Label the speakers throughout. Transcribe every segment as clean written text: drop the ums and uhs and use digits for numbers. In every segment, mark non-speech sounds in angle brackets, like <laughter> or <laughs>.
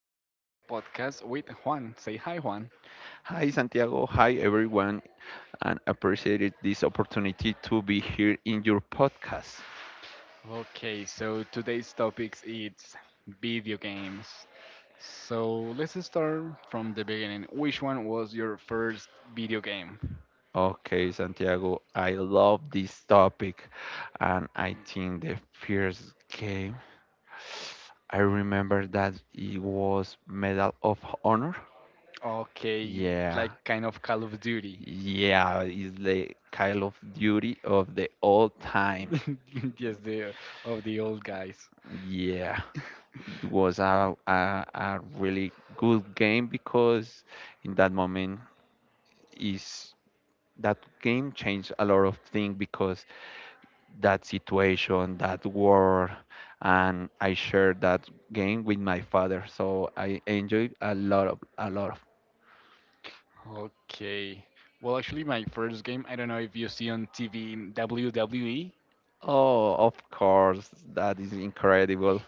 Speaker 1: today's podcast with Juan. Say hi, Juan.
Speaker 2: Hi Santiago, hi everyone, and appreciated this opportunity to be here in your podcast.
Speaker 1: Okay, so today's topics is video games. So let's start from the beginning. Which one was your first video game?
Speaker 2: Okay, Santiago, I love this topic, and I think the first game I remember that it was Medal of Honor.
Speaker 1: Okay,
Speaker 2: Yeah,
Speaker 1: like kind of Call of Duty.
Speaker 2: yeah, it's the Call of Duty of the all time.
Speaker 1: <laughs> Yes, the of the old guys.
Speaker 2: Yeah, it was a really good game because in that moment is that game changed a lot of things because that situation, that war, and I shared that game with my father. So I enjoyed a lot of a lot of.
Speaker 1: Okay. Well, actually, my first game, I don't know if you see on TV WWE.
Speaker 2: Oh, of course, that is incredible.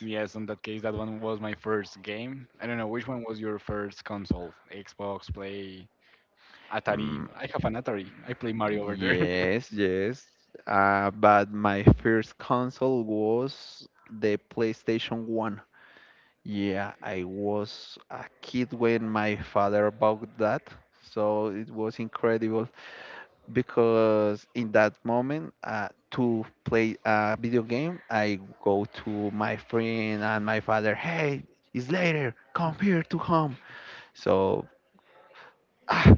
Speaker 1: Yes, in that case, that one was my first game. I don't know which one was your first console. Xbox, Play, Atari.
Speaker 2: Mm,
Speaker 1: I have an Atari. I play Mario over there.
Speaker 2: yes, yes. But my first console was the PlayStation 1. Yeah, I was a kid when my father bought that, so it was incredible. Because in that moment to play a video game, I go to my friend and my father, hey, it's later, come here to home. So ah,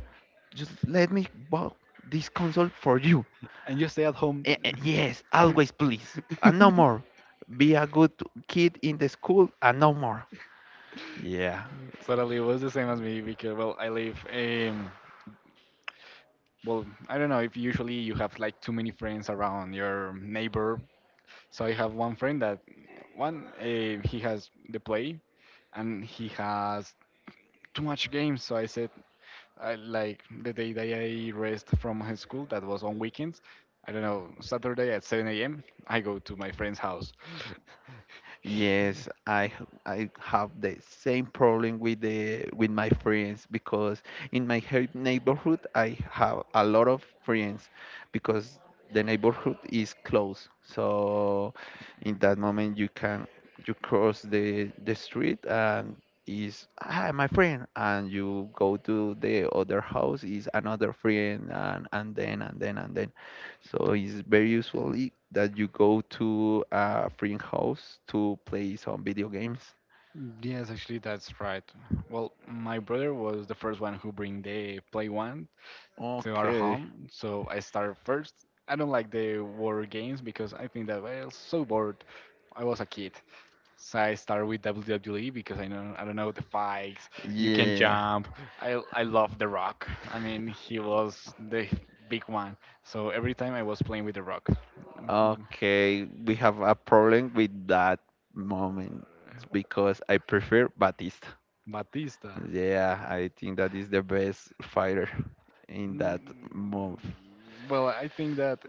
Speaker 2: just let me buy this console for you.
Speaker 1: <laughs> And you stay at home.
Speaker 2: " Yes,
Speaker 1: <laughs>
Speaker 2: always, please, and no more. Be a good kid in the school and no more, yeah.
Speaker 1: Totally, it was the same as me because well, I live. Well, I don't know if usually you have like too many friends around your neighbor. So I have one friend that one he has the play, and he has too much games. So I said, I like the day that I rest from high school. That was on weekends. I don't know. Saturday at 7 a.m. I go to my friend's house. <laughs>
Speaker 2: Yes, I have the same problem with the with my friends because in my neighborhood I have a lot of friends because the neighborhood is close. So in that moment you can, you cross the street and is my friend, and you go to the other house is another friend, and then. So it's very usually that you go to a friend house to play some video games.
Speaker 1: Yes, actually, that's right. Well, my brother was the first one who bring the play one to our
Speaker 2: Okay,
Speaker 1: home, so I start first. I don't like the war games because I think that I was so bored. I was a kid. So I started with WWE because I know I don't know the fights. You can
Speaker 2: yeah,
Speaker 1: jump. I love The Rock. I mean, he was the big one. So every time I was playing with The Rock. Mhm.
Speaker 2: okay. We have a problem with that moment because I prefer Batista.
Speaker 1: Batista.
Speaker 2: Yeah, I think that is the best fighter in
Speaker 1: Mm,
Speaker 2: that move.
Speaker 1: Well, I think that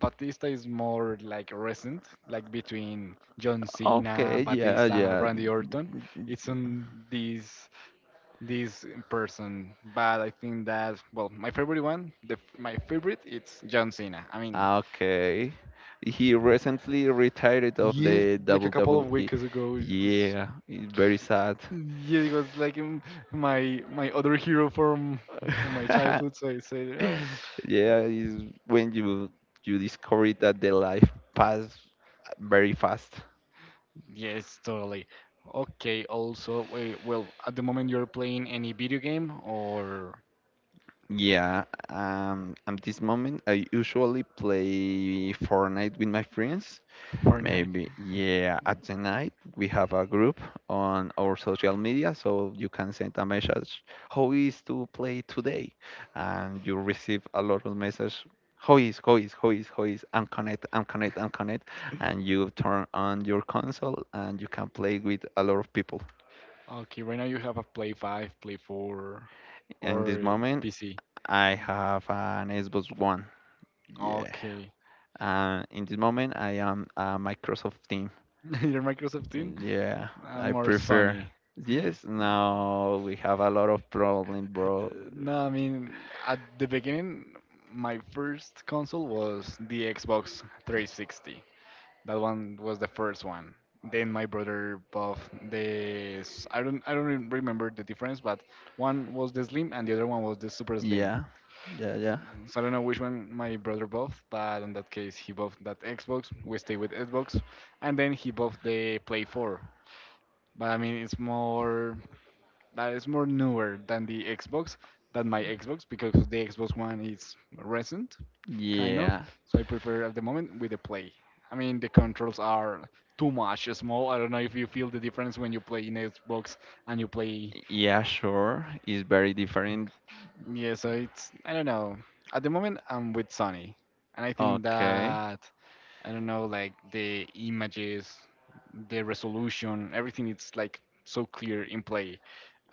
Speaker 1: Batista is more like recent, like between John Cena,
Speaker 2: Okay, yeah,
Speaker 1: Batista,
Speaker 2: yeah.
Speaker 1: Randy Orton. It's on these this person, but I think that well, my favorite one, the my favorite, it's John Cena. I mean,
Speaker 2: Okay. He recently retired of
Speaker 1: yeah,
Speaker 2: the
Speaker 1: like a couple of
Speaker 2: WWE.
Speaker 1: weeks ago,
Speaker 2: Yeah, it's very sad.
Speaker 1: Yeah, it was like my other hero from my childhood. So I
Speaker 2: <laughs>
Speaker 1: said, well,
Speaker 2: Yeah, is when you discover that the life pass very fast.
Speaker 1: yes, totally. Okay. Also, wait, well, at the moment you're playing any video game or
Speaker 2: Yeah, at this moment I usually play Fortnite with my friends.
Speaker 1: <laughs> Fortnite?
Speaker 2: Maybe, yeah, at the night we have a group on our social media, so you can send a message, how is to play today? And you receive a lot of messages, how is, and connect. And you turn on your console and you can play with a lot of people.
Speaker 1: Okay, right now you have a Play Five, Play Four,
Speaker 2: In this
Speaker 1: or
Speaker 2: moment,
Speaker 1: PC.
Speaker 2: I have an Xbox One. Yeah.
Speaker 1: Okay.
Speaker 2: In this moment, I am a Microsoft team.
Speaker 1: <laughs> Your Microsoft Team?
Speaker 2: Yeah,
Speaker 1: I'm
Speaker 2: I
Speaker 1: more
Speaker 2: prefer.
Speaker 1: Sony.
Speaker 2: Yes, now we have a lot of problem, bro.
Speaker 1: No, I mean, at the beginning, my first console was the Xbox 360. That one was the first one. Then my brother bought this. I don't even remember the difference, but one was the slim and the other one was the super slim.
Speaker 2: Yeah, yeah, yeah.
Speaker 1: So I don't know which one my brother bought, but in that case, he bought that Xbox. We stay with Xbox, and then he bought the Play 4. But I mean, it's more that is more newer than the Xbox than my Xbox because the Xbox One is recent, kind of.
Speaker 2: Yeah,
Speaker 1: So I prefer at the moment with the Play. I mean the controls are too much small. I don't know if you feel the difference when you play in Xbox and you play.
Speaker 2: yeah, sure. It's very different.
Speaker 1: Yeah, so it's I don't know. At the moment I'm with Sony, and I think
Speaker 2: Okay.
Speaker 1: that I don't know, like the images, the resolution, everything it's like so clear in play.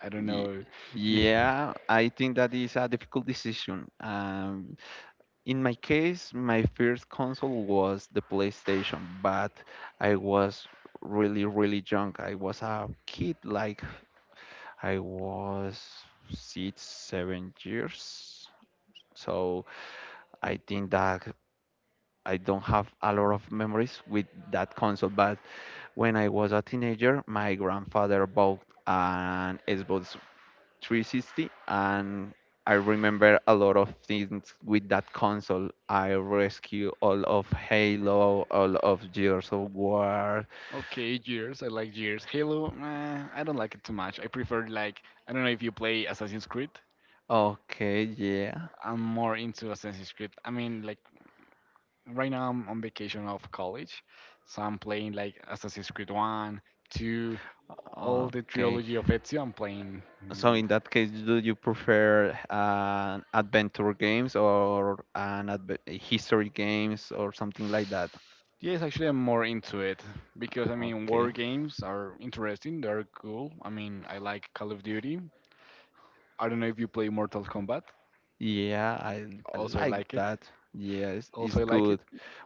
Speaker 1: I don't
Speaker 2: Ye-
Speaker 1: know if
Speaker 2: Yeah, I think that is a difficult decision. In my case, my first console was the PlayStation, but I was really, really young. I was a kid, like I was six, 7 years. So I think that I don't have a lot of memories with that console. But when I was a teenager, my grandfather bought an Xbox 360 and I remember a lot of things with that console. I rescue all of Halo, all of Gears of War.
Speaker 1: Okay, Gears. I like Gears. Halo, I don't like it too much. I prefer like I don't know if you play Assassin's Creed.
Speaker 2: Okay, yeah.
Speaker 1: I'm more into Assassin's Creed. I mean, like right now I'm on vacation of college, so I'm playing like Assassin's Creed One, Two, all the
Speaker 2: Okay.
Speaker 1: trilogy of Ezio. I'm playing.
Speaker 2: So in that case, do you prefer an adventure games or an history games or something like that?
Speaker 1: Yes, actually, I'm more into it because I mean,
Speaker 2: Okay.
Speaker 1: war games are interesting. They're cool. I mean, I like Call of Duty. I don't know if you play Mortal Kombat.
Speaker 2: Yeah, I
Speaker 1: Also, I
Speaker 2: like
Speaker 1: like it.
Speaker 2: that. Yes, it's
Speaker 1: Also, I like it.
Speaker 2: good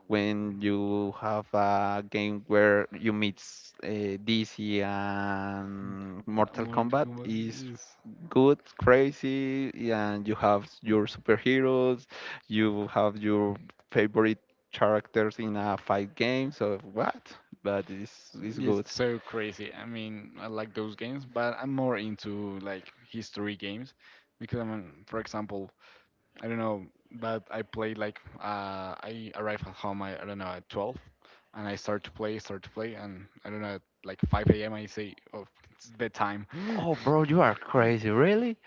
Speaker 2: when you have a game where you meet DC, and Mortal
Speaker 1: Mortal
Speaker 2: Kombat
Speaker 1: Kombat
Speaker 2: is
Speaker 1: is
Speaker 2: good, crazy, and you have your superheroes, you have your favorite characters in a fight game. So what? But it's
Speaker 1: is
Speaker 2: good.
Speaker 1: so crazy. I mean, I like those games, but I'm more into like history games because I mean, for example, I don't know, but I played like I arrive at home. I don't know at 12, and I start to play, and I don't know at like 5 a.m. I say, oh, it's bedtime.
Speaker 2: Oh, bro,
Speaker 1: <laughs>
Speaker 2: you are crazy, really?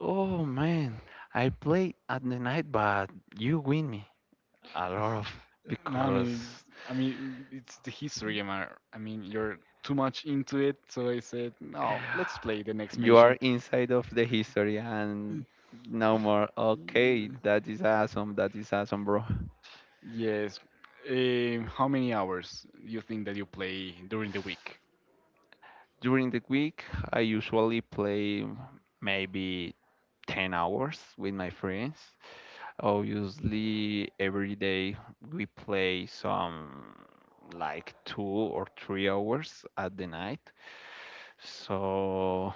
Speaker 2: Oh man, I play at the night, but you win me a lot of
Speaker 1: No,
Speaker 2: because
Speaker 1: I mean, it's the history. Am I? I mean, you're too much into it, so I said, no, let's play the next
Speaker 2: you are
Speaker 1: mission.
Speaker 2: inside of the history and
Speaker 1: Mm,
Speaker 2: no more. Okay, that is awesome. That is awesome, bro.
Speaker 1: yes. How many hours do you think that you play during the week?
Speaker 2: During the week, I usually play maybe 10 hours with my friends. Obviously, every day we play some like 2 or 3 hours at the night. So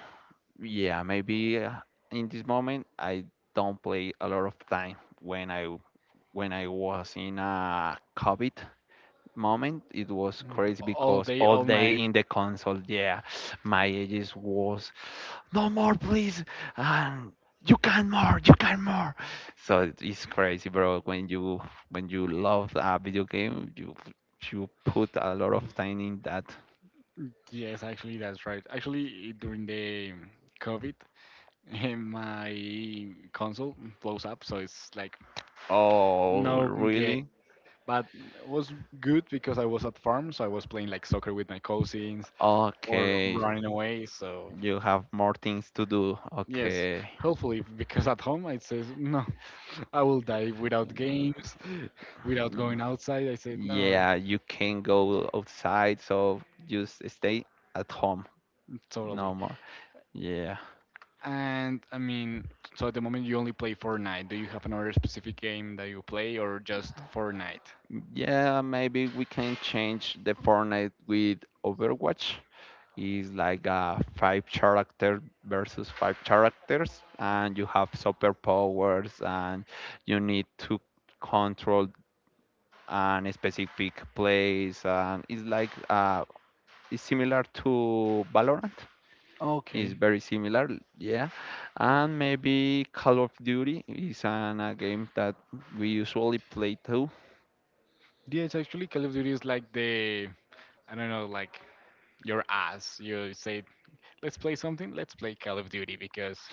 Speaker 2: yeah, maybe in this moment I don't play a lot of time. When I was in a COVID moment, it was
Speaker 1: Mm,
Speaker 2: crazy
Speaker 1: All
Speaker 2: because
Speaker 1: day,
Speaker 2: all
Speaker 1: all
Speaker 2: day
Speaker 1: night.
Speaker 2: in the console, yeah, my ages was no more, please, and you can more, you can more. So it's crazy, bro. When you love a video game, you put a lot of time in that.
Speaker 1: Yes, actually, that's right. Actually, during the COVID, <laughs> my console blows up, so it's like
Speaker 2: Oh,
Speaker 1: no game.
Speaker 2: really?
Speaker 1: But it was good because I was at farm, so I was playing like soccer with my cousins or
Speaker 2: Okay,
Speaker 1: running away. So
Speaker 2: you have more things to do.
Speaker 1: yes,
Speaker 2: Okay.
Speaker 1: hopefully, because at home I says no, <laughs> I will die without games, <laughs> without going outside. I said no,
Speaker 2: Yeah, you can go outside, so just stay at home.
Speaker 1: totally.
Speaker 2: No more. Yeah.
Speaker 1: And I mean, so at the moment you only play Fortnite. Do you have another specific game that you play or just Fortnite?
Speaker 2: Yeah, maybe we can change the Fortnite with Overwatch. Is like a five character versus five characters, and you have superpowers, and you need to control an specific place, and it's like a is similar to Valorant. Is
Speaker 1: Okay.
Speaker 2: very similar, yeah. And maybe Call of Duty is a game that we usually play too.
Speaker 1: Yes, actually, Call of Duty is like the, I don't know, like your ass. You say, let's play something, let's play Call of Duty because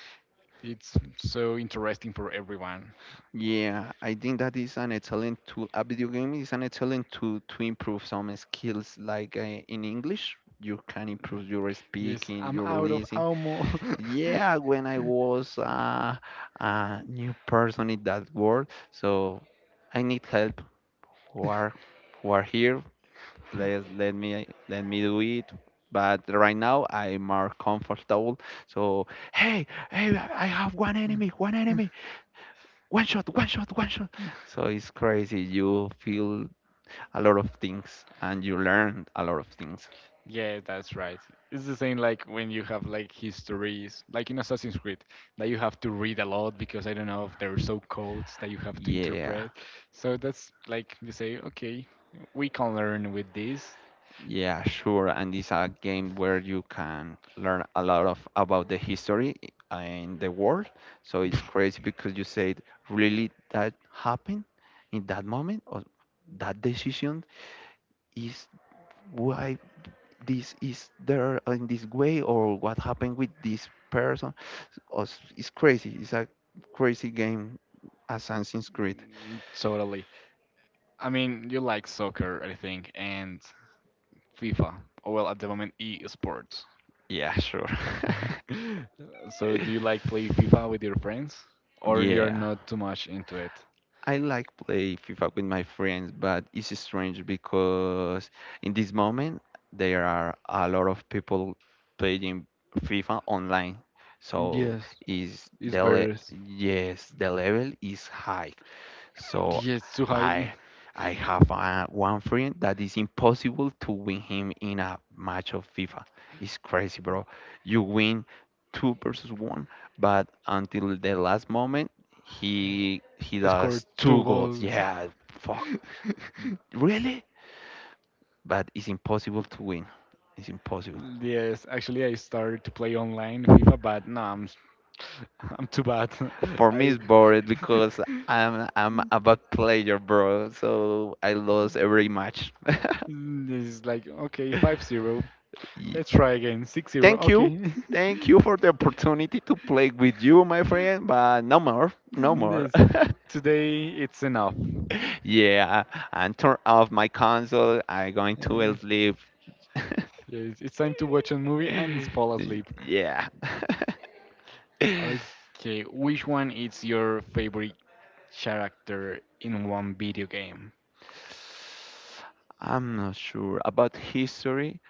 Speaker 1: it's so interesting for everyone.
Speaker 2: Yeah, I think that is an excellent tool. A video game is an excellent tool to improve some skills, like in English. You can improve your
Speaker 1: Yes,
Speaker 2: speaking,
Speaker 1: I'm
Speaker 2: your
Speaker 1: out of
Speaker 2: listening.
Speaker 1: ammo.
Speaker 2: Yeah, when I was a new person in that world, so I need help. Who are who are here? Let me do it. But right now I'm more comfortable. So hey, hey, I have one enemy, one enemy, one shot, one shot, one shot.
Speaker 1: <laughs>
Speaker 2: So it's crazy. You feel a lot of things and you learn a lot of things.
Speaker 1: Yeah, that's right. It's the same like when you have like histories, like in Assassin's Creed, that you have to read a lot because I don't know if there are so codes that you have to
Speaker 2: Yeah,
Speaker 1: interpret. So that's like you say, okay, we can learn with this.
Speaker 2: yeah, sure. And it's a game where you can learn a lot of about the history in the world. So it's crazy because you said, really that happened in that moment or that decision is why this is there in this way or what happened with this person. Oh, it's crazy. It's a crazy game, Assassin's Creed.
Speaker 1: Mm, totally. I mean, you like soccer, I think, and FIFA. Or, well, at the moment, e sports.
Speaker 2: Yeah, sure. <laughs>
Speaker 1: <laughs> So, do you like play FIFA with your friends, or you're
Speaker 2: Yeah,
Speaker 1: not too much into it?
Speaker 2: I like play FIFA with my friends, but it's strange because in this moment there are a lot of people playing FIFA online. So is
Speaker 1: It's
Speaker 2: the le
Speaker 1: better.
Speaker 2: yes, the level is high. So
Speaker 1: Yes, Suhail
Speaker 2: I I have one friend that is impossible to win him in a match of FIFA. It's crazy, bro. You win two versus one, but until the last moment, he
Speaker 1: <laughs> scored
Speaker 2: does two
Speaker 1: two
Speaker 2: goals.
Speaker 1: goals.
Speaker 2: Yeah, fuck,
Speaker 1: <laughs>
Speaker 2: really? But it's impossible to win. It's impossible.
Speaker 1: Yes, actually, I started to play online FIFA, but no, I'm <laughs> I'm too bad.
Speaker 2: For
Speaker 1: <laughs>
Speaker 2: me, it's
Speaker 1: I
Speaker 2: boring because
Speaker 1: <laughs>
Speaker 2: I'm a bad player, bro. So I lost every match. <laughs>
Speaker 1: this is like okay, 5-0.
Speaker 2: Yeah.
Speaker 1: Let's try again. 6-0.
Speaker 2: Thank you.
Speaker 1: Okay. <laughs>
Speaker 2: Thank you for the opportunity to play with you, my friend, but no more. No more. <laughs>
Speaker 1: Yes. Today it's enough.
Speaker 2: yeah, and turn off my console. I'm going to
Speaker 1: Uh,
Speaker 2: sleep. <laughs>
Speaker 1: Yeah, it's time to watch a movie and fall asleep.
Speaker 2: yeah. <laughs>
Speaker 1: Okay, which one is your favorite character in one video game?
Speaker 2: I'm not sure about history.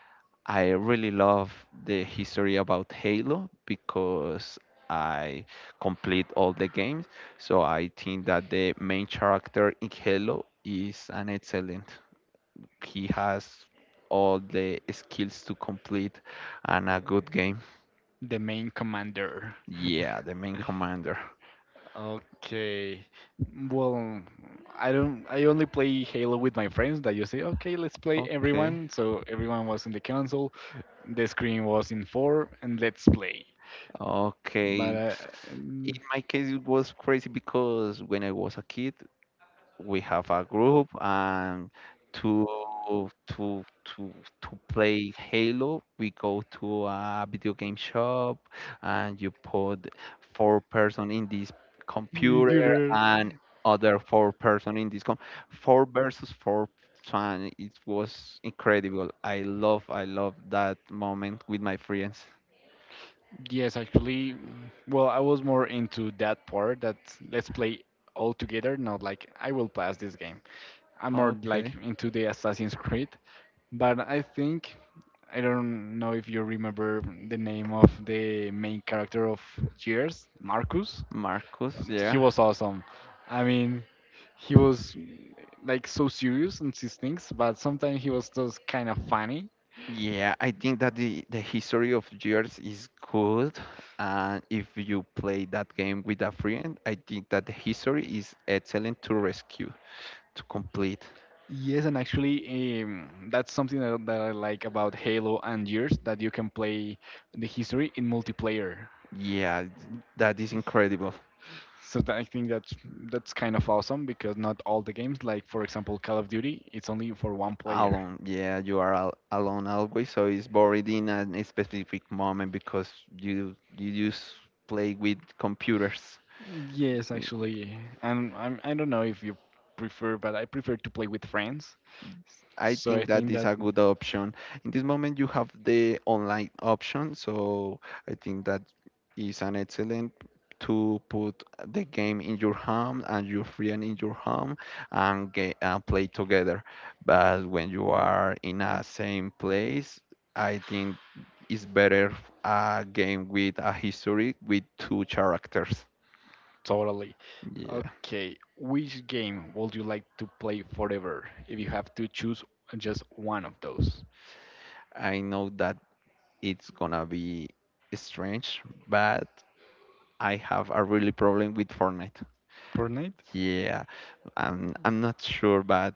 Speaker 2: I really love the history about Halo because I complete all the games. So I think that the main character in Halo is an excellent. He has all the skills to complete and a good game.
Speaker 1: The main commander.
Speaker 2: Yeah, the main commander.
Speaker 1: Okay. Well, I don't. I only play Halo with my friends. That you say, okay, let's play
Speaker 2: Okay.
Speaker 1: everyone. So everyone was in the console. The screen was in four, and let's play.
Speaker 2: Okay.
Speaker 1: But
Speaker 2: In
Speaker 1: mm,
Speaker 2: my case, it was crazy because when I was a kid, we have a group and to to to to play Halo, we go to a video game shop and you put four person in this computer
Speaker 1: computer.
Speaker 2: and other four person in this com, four versus four, and it was incredible. I love that moment with my friends.
Speaker 1: Yes, actually, well, I was more into that part that let's play all together, not like I will pass this game. I'm more like
Speaker 2: Okay.
Speaker 1: into the Assassin's Creed, but I think I don't know if you remember the name of the main character of Gears, Marcus.
Speaker 2: Marcus,
Speaker 1: He
Speaker 2: yeah.
Speaker 1: was awesome. I mean, he was like so serious in his things, but sometimes he was just kind of funny.
Speaker 2: Yeah, I think that the history of years is good. And if you play that game with a friend, I think that the history is excellent to rescue, to complete.
Speaker 1: Yes, and actually, that's something that I like about Halo and Gears that you can play the history in multiplayer.
Speaker 2: Yeah, that is incredible.
Speaker 1: So that, I think that's kind of awesome because not all the games, like for example Call of Duty, it's only for one player.
Speaker 2: Alone, yeah, you are al alone always, so it's boring in a specific moment because you just play with computers.
Speaker 1: Yes, actually, and I don't know if you prefer, but I prefer to play with friends.
Speaker 2: I
Speaker 1: So I
Speaker 2: think that
Speaker 1: think
Speaker 2: is
Speaker 1: that
Speaker 2: a good option. In this moment, you have the online option, so I think that is an excellent to put the game in your home and your friend in your home and get, and play together. But when you are in a same place, I think it's better a game with a history with two characters.
Speaker 1: totally.
Speaker 2: Yeah,
Speaker 1: Okay, which game would you like to play forever if you have to choose just one of those?
Speaker 2: I know that it's gonna be strange, but I have a really problem with Fortnite.
Speaker 1: Fortnite,
Speaker 2: Yeah, I'm not sure, but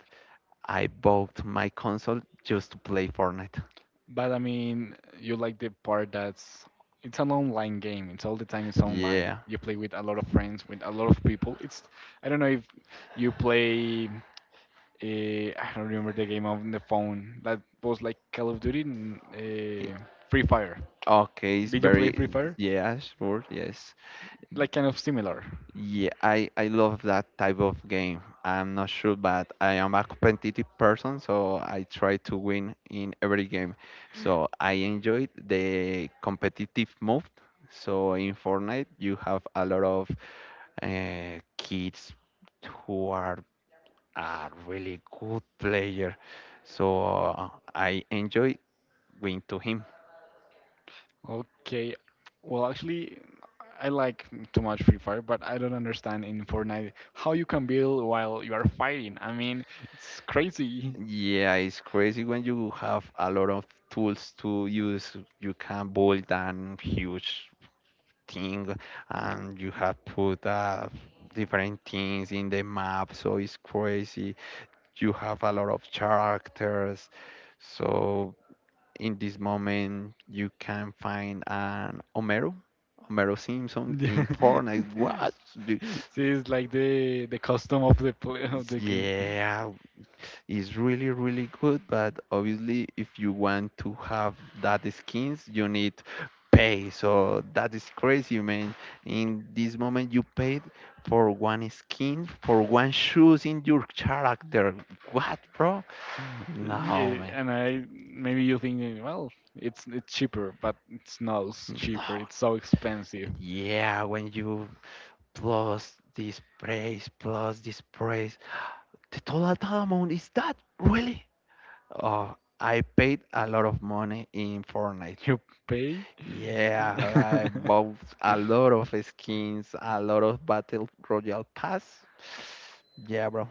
Speaker 2: I bought my console just to play Fortnite.
Speaker 1: but I mean, you like the part that's it's an online game. It's all the time it's online.
Speaker 2: Yeah.
Speaker 1: You play with a lot of friends, with a lot of people. It's I don't know if you play. Uh, I don't remember the game on the phone that was like Call of Duty, and,
Speaker 2: i-
Speaker 1: Free Fire.
Speaker 2: Okay, it's
Speaker 1: Did you play Free
Speaker 2: very
Speaker 1: Fire?
Speaker 2: yeah, sure, yes.
Speaker 1: Like kind of similar.
Speaker 2: Yeah, I love that type of game. I'm not sure, but I am a competitive person, so I try to win in every game. So I enjoyed the competitive mode. So in Fortnite, you have a lot of kids who are a really good player. So uh, I enjoy going to him.
Speaker 1: Okay. Well, actually, I like too much Free Fire, but I don't understand in Fortnite how you can build while you are fighting. I mean, it's crazy.
Speaker 2: Yeah, it's crazy when you have a lot of tools to use. You can build an huge thing, and you have put different things in the map, so it's crazy. You have a lot of characters, so in this moment you can find an Homero, Homero Simpson in
Speaker 1: <laughs>
Speaker 2: Fortnite. What? The-
Speaker 1: See, it's like the custom of the play of the game.
Speaker 2: Yeah, it's really really good, but obviously if you want to have that skins, you need pay. So that is crazy, man. In this moment, you paid for one skin, for one shoes in your character. What, bro? No,
Speaker 1: Yeah,
Speaker 2: man.
Speaker 1: and I maybe you think, well, it's cheaper, but it's not cheaper.
Speaker 2: No.
Speaker 1: It's so expensive.
Speaker 2: Yeah, when you plus this price, the total amount is that really? Oh, I paid a lot of money in Fortnite.
Speaker 1: You pay.
Speaker 2: Yeah, I bought a lot of skins, a lot
Speaker 1: <laughs>
Speaker 2: of Battle Royale Pass. Yeah, bro.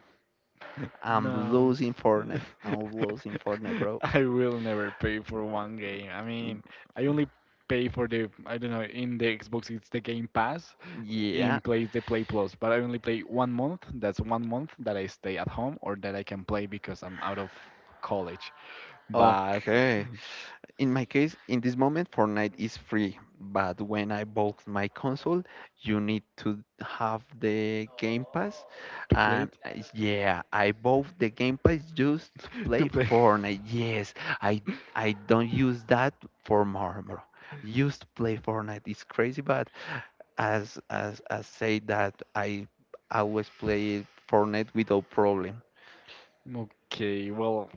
Speaker 2: I'm
Speaker 1: No.
Speaker 2: losing Fortnite. I'm losing Fortnite, bro.
Speaker 1: <laughs> I will never pay for one game. I mean, I only pay for the, I don't know, in the Xbox it's the Game Pass,
Speaker 2: Yeah,
Speaker 1: in place the Play Plus, but I only play one month. That's one month that I stay at home or that I can play because I'm out of college. But
Speaker 2: okay. In my case, in this moment, Fortnite is free, but when I bought my console, you need to have the Game Pass.
Speaker 1: to play it,
Speaker 2: Yeah, I bought the Game Pass just to
Speaker 1: <laughs> to
Speaker 2: play
Speaker 1: play.
Speaker 2: Fortnite. Yes, I I don't use that for Marmor. Used to play Fortnite. It's crazy, but as say that I always play Fortnite without problem.
Speaker 1: Okay, well,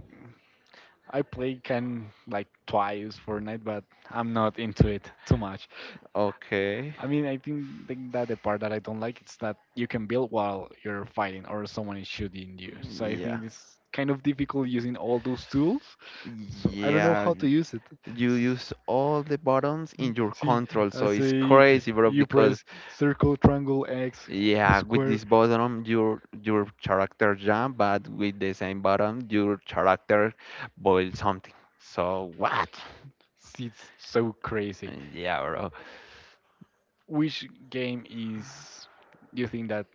Speaker 1: I play can like twice Fortnite, but I'm not into it too much.
Speaker 2: Okay.
Speaker 1: I mean, I think that the part that I don't like is that you can build while you're fighting or someone is shooting you. So I
Speaker 2: Yeah.
Speaker 1: think it's kind of difficult using all those tools. So I don't know
Speaker 2: Yeah,
Speaker 1: how to use it. <laughs>
Speaker 2: you
Speaker 1: S-
Speaker 2: use all the buttons in your
Speaker 1: See,
Speaker 2: control,
Speaker 1: I
Speaker 2: so it's
Speaker 1: say
Speaker 2: crazy, bro,
Speaker 1: you
Speaker 2: because
Speaker 1: press circle, triangle, X,
Speaker 2: yeah, with
Speaker 1: square.
Speaker 2: this button your character jump, but with the same button your character boil something. So what?
Speaker 1: See, it's so crazy.
Speaker 2: Yeah, bro.
Speaker 1: Which game is you think that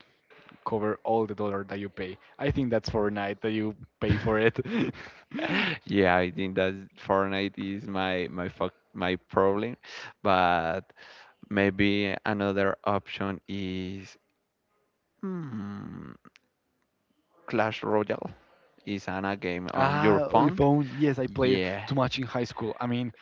Speaker 1: cover all the dollar that you pay? I think that's Fortnite that you pay for it. <laughs>
Speaker 2: Yeah, I think that Fortnite is my my fuck my problem. But maybe another option is hmm, Clash Royale. Is an a game on your
Speaker 1: Ah, oh, your
Speaker 2: phone.
Speaker 1: phone. Yes, I played
Speaker 2: Yeah,
Speaker 1: too much in high school. I mean,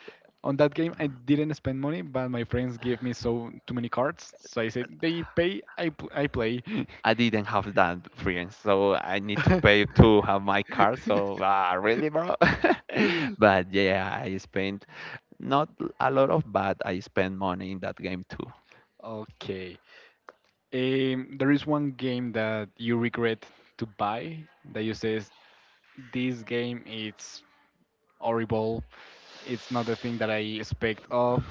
Speaker 1: on that game, I didn't spend money, but my friends gave me so too many cards. So I said, they pay, I play.
Speaker 2: I didn't have that friends, so I need to pay
Speaker 1: <laughs>
Speaker 2: to have my car. So ah, really, bro. <laughs> But yeah, I spent not a lot of, but I spent money in that game too.
Speaker 1: Okay. There is one game that you regret to buy that you says this game it's horrible. It's not the thing that I expect of,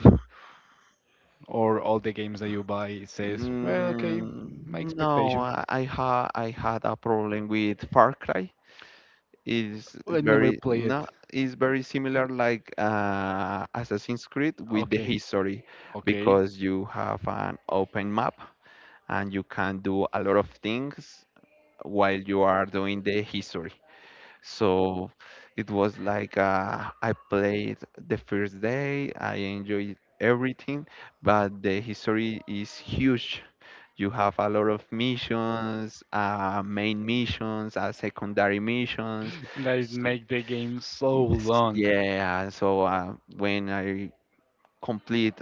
Speaker 1: or all the games that you buy says, well, okay, my
Speaker 2: No,
Speaker 1: expectation.
Speaker 2: I had a problem with Far Cry. It's
Speaker 1: I never
Speaker 2: very
Speaker 1: play it.
Speaker 2: no, it's very similar like Assassin's Creed, with the
Speaker 1: Okay,
Speaker 2: history,
Speaker 1: okay.
Speaker 2: because you have an open map and you can do a lot of things while you are doing the history. So it was like I played the first day, I enjoyed everything, but the history is huge. You have a lot of missions, main missions, secondary missions.
Speaker 1: Like
Speaker 2: So,
Speaker 1: make the game so long,
Speaker 2: yeah, so when I complete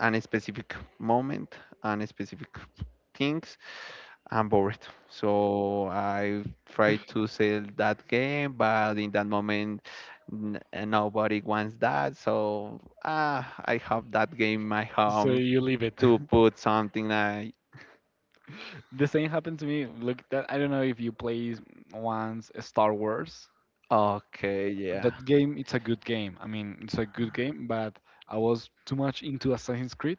Speaker 2: an specific moment, an specific things, I'm bored. So I tried to sell that game, but in that moment, n- nobody wants that. So I have that game in my
Speaker 1: so
Speaker 2: home
Speaker 1: you leave it. <laughs>
Speaker 2: to put something like,
Speaker 1: The same happened to me. Look, that I don't know if you play once Star Wars.
Speaker 2: okay, yeah.
Speaker 1: That game, it's a good game. I mean, it's a good game, but I was too much into Assassin's Creed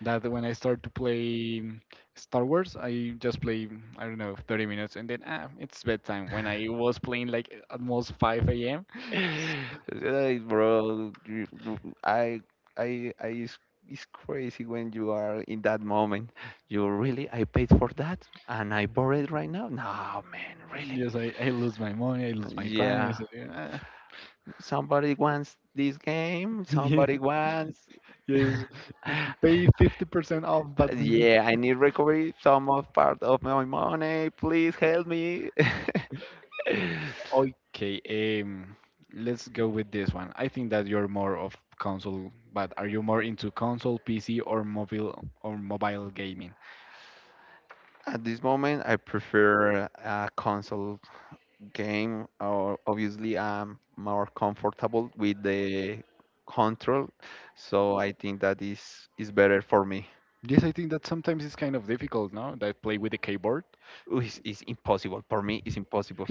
Speaker 1: that when I started to play Star Wars, I just play I don't know 30 minutes, and then it's bedtime. When I was playing like almost 5 a.m.,
Speaker 2: <sighs> <laughs> Like, bro, I, I, it's, it's crazy when you are in that moment. You really, I paid for that and I borrowed right now? No, man, really?
Speaker 1: yes, I lose my money, I lose my time. I
Speaker 2: Yeah.
Speaker 1: say, "Ah,"
Speaker 2: Somebody wants this game,
Speaker 1: <laughs> yeah,
Speaker 2: somebody wants.
Speaker 1: yes,
Speaker 2: <laughs>
Speaker 1: pay 50% off, but
Speaker 2: Yeah, I
Speaker 1: <laughs>
Speaker 2: need recovery some of part of my money. Please help me. <laughs>
Speaker 1: okay, let's go with this one. I think that you're more of console, but are you more into console, PC, or mobile gaming?
Speaker 2: At this moment, I prefer a console game, or obviously, I'm more comfortable with the control, so I think that is better for me.
Speaker 1: Yes, I think that sometimes it's kind of difficult, no? That play with the keyboard.
Speaker 2: Ooh, it's impossible for me. It's impossible.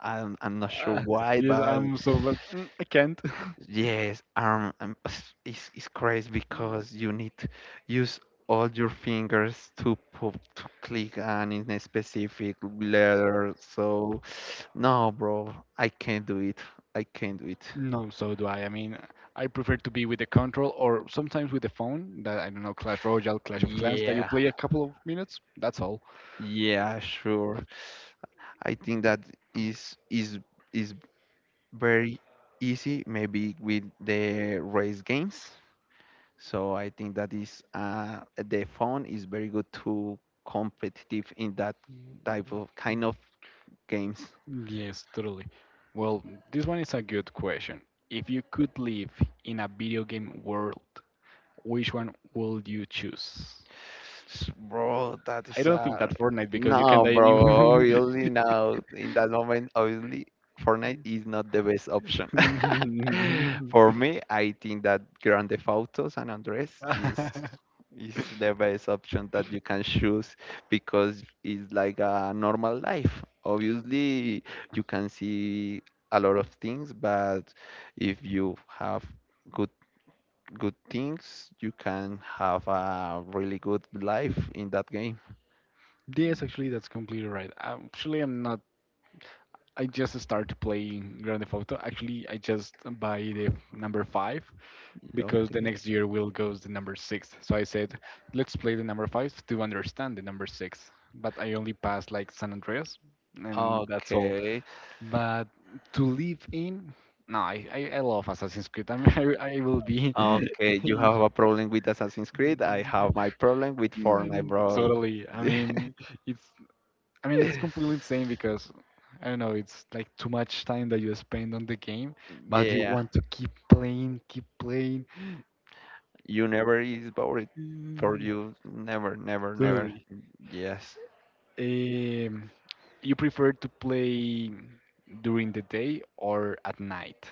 Speaker 2: I'm not sure
Speaker 1: Uh,
Speaker 2: why,
Speaker 1: yes,
Speaker 2: but
Speaker 1: I'm so like, I can't. <laughs>
Speaker 2: yes, arm <sighs> is crazy because you need to use all your fingers to to click on in a specific letter. So, <sighs> no, bro, I can't do it. I can't do it.
Speaker 1: No, so do I. I mean, I prefer to be with the control or sometimes with the phone. That I don't know, Clash Royale, Clash of Clans, that you
Speaker 2: Yeah,
Speaker 1: play a couple of minutes. That's all.
Speaker 2: yeah, sure. I think that is is is very easy, maybe with the race games. So I think that is the phone is very good to competitive in that
Speaker 1: Mm,
Speaker 2: type of kind of games.
Speaker 1: yes, totally. Well, this one is a good question. If you could live in a video game world, which one would you choose?
Speaker 2: Bro, that
Speaker 1: I
Speaker 2: is
Speaker 1: don't think
Speaker 2: a
Speaker 1: that's Fortnite because you can
Speaker 2: no,
Speaker 1: die.
Speaker 2: bro.
Speaker 1: You-
Speaker 2: Obviously, now in that moment, obviously, Fortnite is not the best option. <laughs> For
Speaker 1: <laughs>
Speaker 2: me, I think that Grand Theft Auto San Andres
Speaker 1: <laughs>
Speaker 2: is the best option that you can choose because it's like a normal life. Obviously, you can see a lot of things, but if you have good good things, you can have a really good life in that game.
Speaker 1: yes, actually, that's completely right. Actually, I'm not I just started playing Grand Theft Auto. Actually, I just buy the number five because the
Speaker 2: Okay.
Speaker 1: next year will goes the number six. So I said, let's play the number five to understand the number six. But I only passed like San Andreas, and that's all.
Speaker 2: Okay,
Speaker 1: But to live in, no, I love Assassin's Creed. I mean, <laughs> I will be
Speaker 2: okay. You have a
Speaker 1: <laughs>
Speaker 2: problem with Assassin's Creed. I have my problem with
Speaker 1: yeah,
Speaker 2: Fortnite, bro.
Speaker 1: totally.
Speaker 2: <laughs>
Speaker 1: It's I mean, it's completely insane because I don't know, it's like too much time that you spend on the game, but you
Speaker 2: Yeah,
Speaker 1: want to keep playing, keep playing.
Speaker 2: you never is bored. For
Speaker 1: Mm.
Speaker 2: you, never, never, never.
Speaker 1: Totally.
Speaker 2: Yes.
Speaker 1: Um, you prefer to play during the day or at night?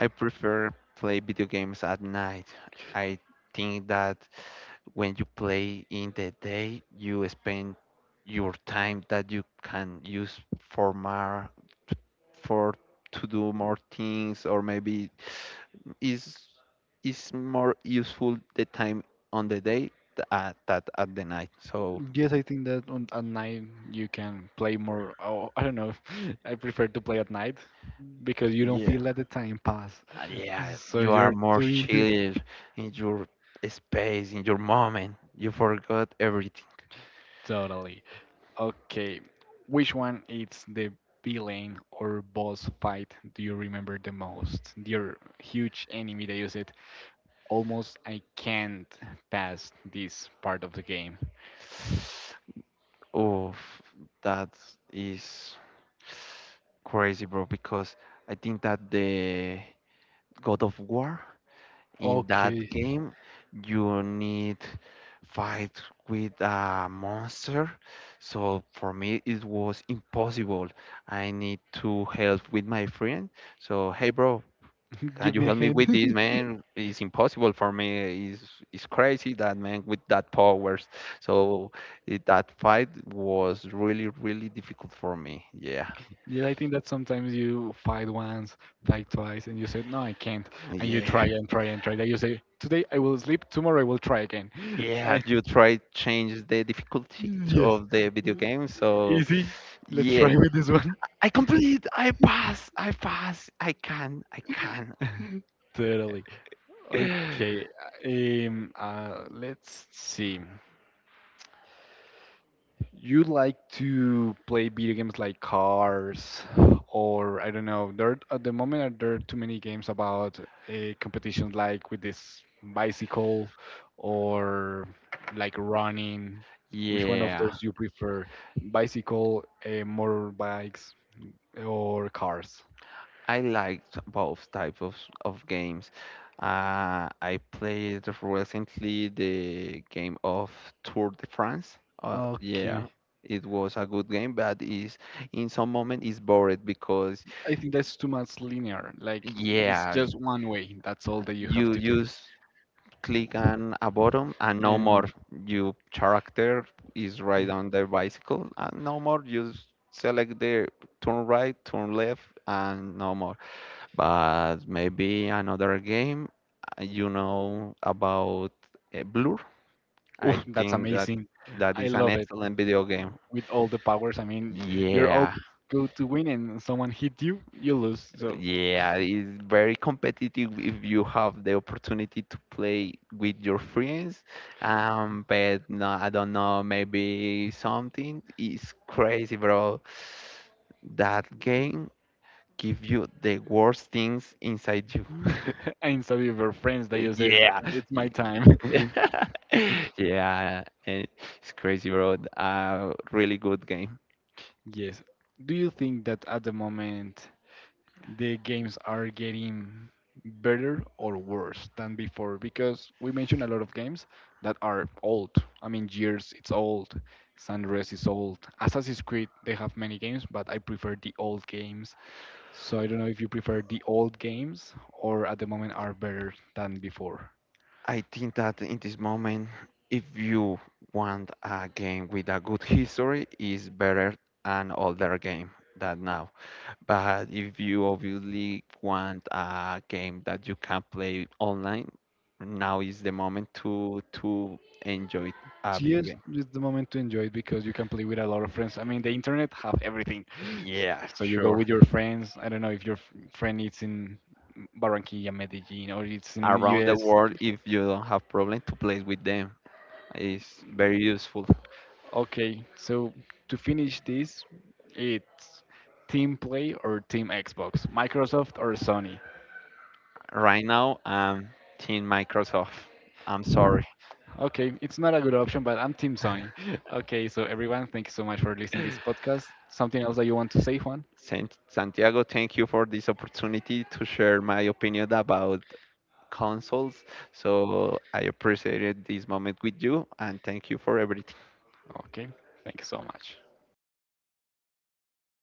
Speaker 2: I prefer play video games at night. I think that when you play in the day, you spend your time that you can use for more for to do more things or maybe is is more useful the time on the day that at the night. So
Speaker 1: Yes, I think that on at night you can play more. Oh, I don't know. <laughs> I prefer to play at night because you don't
Speaker 2: yeah.
Speaker 1: feel that the time pass.
Speaker 2: Yeah,
Speaker 1: So
Speaker 2: you are
Speaker 1: you're
Speaker 2: more
Speaker 1: doing the
Speaker 2: chill in your space, in your moment. You forgot everything.
Speaker 1: totally. Okay, which one is the villain or boss fight do you remember the most? Your huge enemy that you said, almost I can't pass this part of the game. <laughs>
Speaker 2: Oh, that is crazy, bro, because I think that the God of War in
Speaker 1: Okay.
Speaker 2: that game, you need fight with a monster. So for me, it was impossible. I need to help with my friend. So, hey, bro, can
Speaker 1: Give
Speaker 2: you
Speaker 1: me a
Speaker 2: help me
Speaker 1: hint.
Speaker 2: with this man, it's impossible for me. It's crazy, that man with that powers. So it, that fight was really really difficult for me. Yeah,
Speaker 1: <laughs> yeah, I think that sometimes you fight once, fight twice, and you said, no, I can't. And you
Speaker 2: yeah,
Speaker 1: try and try and try. Then you say, today I will sleep, tomorrow I will try again. <laughs>
Speaker 2: yeah,
Speaker 1: Eh,
Speaker 2: you try change the difficulty
Speaker 1: yes.
Speaker 2: of the video game. So
Speaker 1: Easy. Let's
Speaker 2: yes,
Speaker 1: try with this one.
Speaker 2: I pass, I pass, I can, I can.
Speaker 1: <laughs> Totally. Okay,
Speaker 2: <laughs>
Speaker 1: let's see. You like to play video games like Cars, or I don't know. There at the moment are there too many games about a competition like with this bicycle, or like running. Which one of
Speaker 2: Yeah,
Speaker 1: those you prefer? Bicycle, motorbikes, or cars?
Speaker 2: I liked both types of games. I played recently the game of Tour de France. Yeah,
Speaker 1: Okay.
Speaker 2: it was a good game, but is in some moment is bored because
Speaker 1: I think that's too much linear. Like it's
Speaker 2: yeah,
Speaker 1: just one way. That's all that you have
Speaker 2: you
Speaker 1: to do.
Speaker 2: you s- click on a button and no more.
Speaker 1: And
Speaker 2: Your character is right on the bicycle and no more. You select the turn right, turn left, and no more. But maybe another game you know about Blur. I
Speaker 1: oh, that's
Speaker 2: think that
Speaker 1: amazing.
Speaker 2: that
Speaker 1: I
Speaker 2: is an
Speaker 1: love it.
Speaker 2: excellent video game.
Speaker 1: With all the powers, I mean, you're all
Speaker 2: Yeah,
Speaker 1: go to win, and someone hit you, you lose. So,
Speaker 2: yeah, it's very competitive if you have the opportunity to play with your friends. But no, I don't know, maybe something is crazy, bro. That game give you the worst things inside you. <laughs>
Speaker 1: <laughs> and some of your friends that you say
Speaker 2: Yeah,
Speaker 1: it's my time. <laughs>
Speaker 2: <laughs> yeah, and it's crazy, bro. A really good game.
Speaker 1: Yes. Do you think that at the moment the games are getting better or worse than before? Because we mentioned a lot of games that are old. I mean, Gears it's old, Sunrise is old, Assassin's Creed they have many games, but I prefer the old games. So I don't know if you prefer the old games or at the moment are better than before.
Speaker 2: I think that in this moment, if you want a game with a good history, is better an older game than now. But if you obviously want a game that you can play online, now is the moment to enjoy a video
Speaker 1: CS
Speaker 2: game.
Speaker 1: is the moment to enjoy it because you can play with a lot of friends. I mean, the internet have everything. S-
Speaker 2: Yeah,
Speaker 1: So you go
Speaker 2: sure.
Speaker 1: with your friends. I don't know if your friend is in Barranquilla, Medellin, or it's in
Speaker 2: Around the
Speaker 1: US.
Speaker 2: world, if you don't have problem to play with them. It's very useful.
Speaker 1: Okay, so to finish this, it's Team Play or Team Xbox, Microsoft or Sony.
Speaker 2: Right now, I'm Team Microsoft. I'm sorry.
Speaker 1: Okay, it's not a good option, but I'm Team Sony. <laughs> Okay, so everyone, thank you so much for listening to this podcast. Something else that you want to say, Juan?
Speaker 2: Santiago, thank you for this opportunity to share my opinion about consoles. So I appreciated this moment with you and thank you for everything.
Speaker 1: Okay, thank you so much.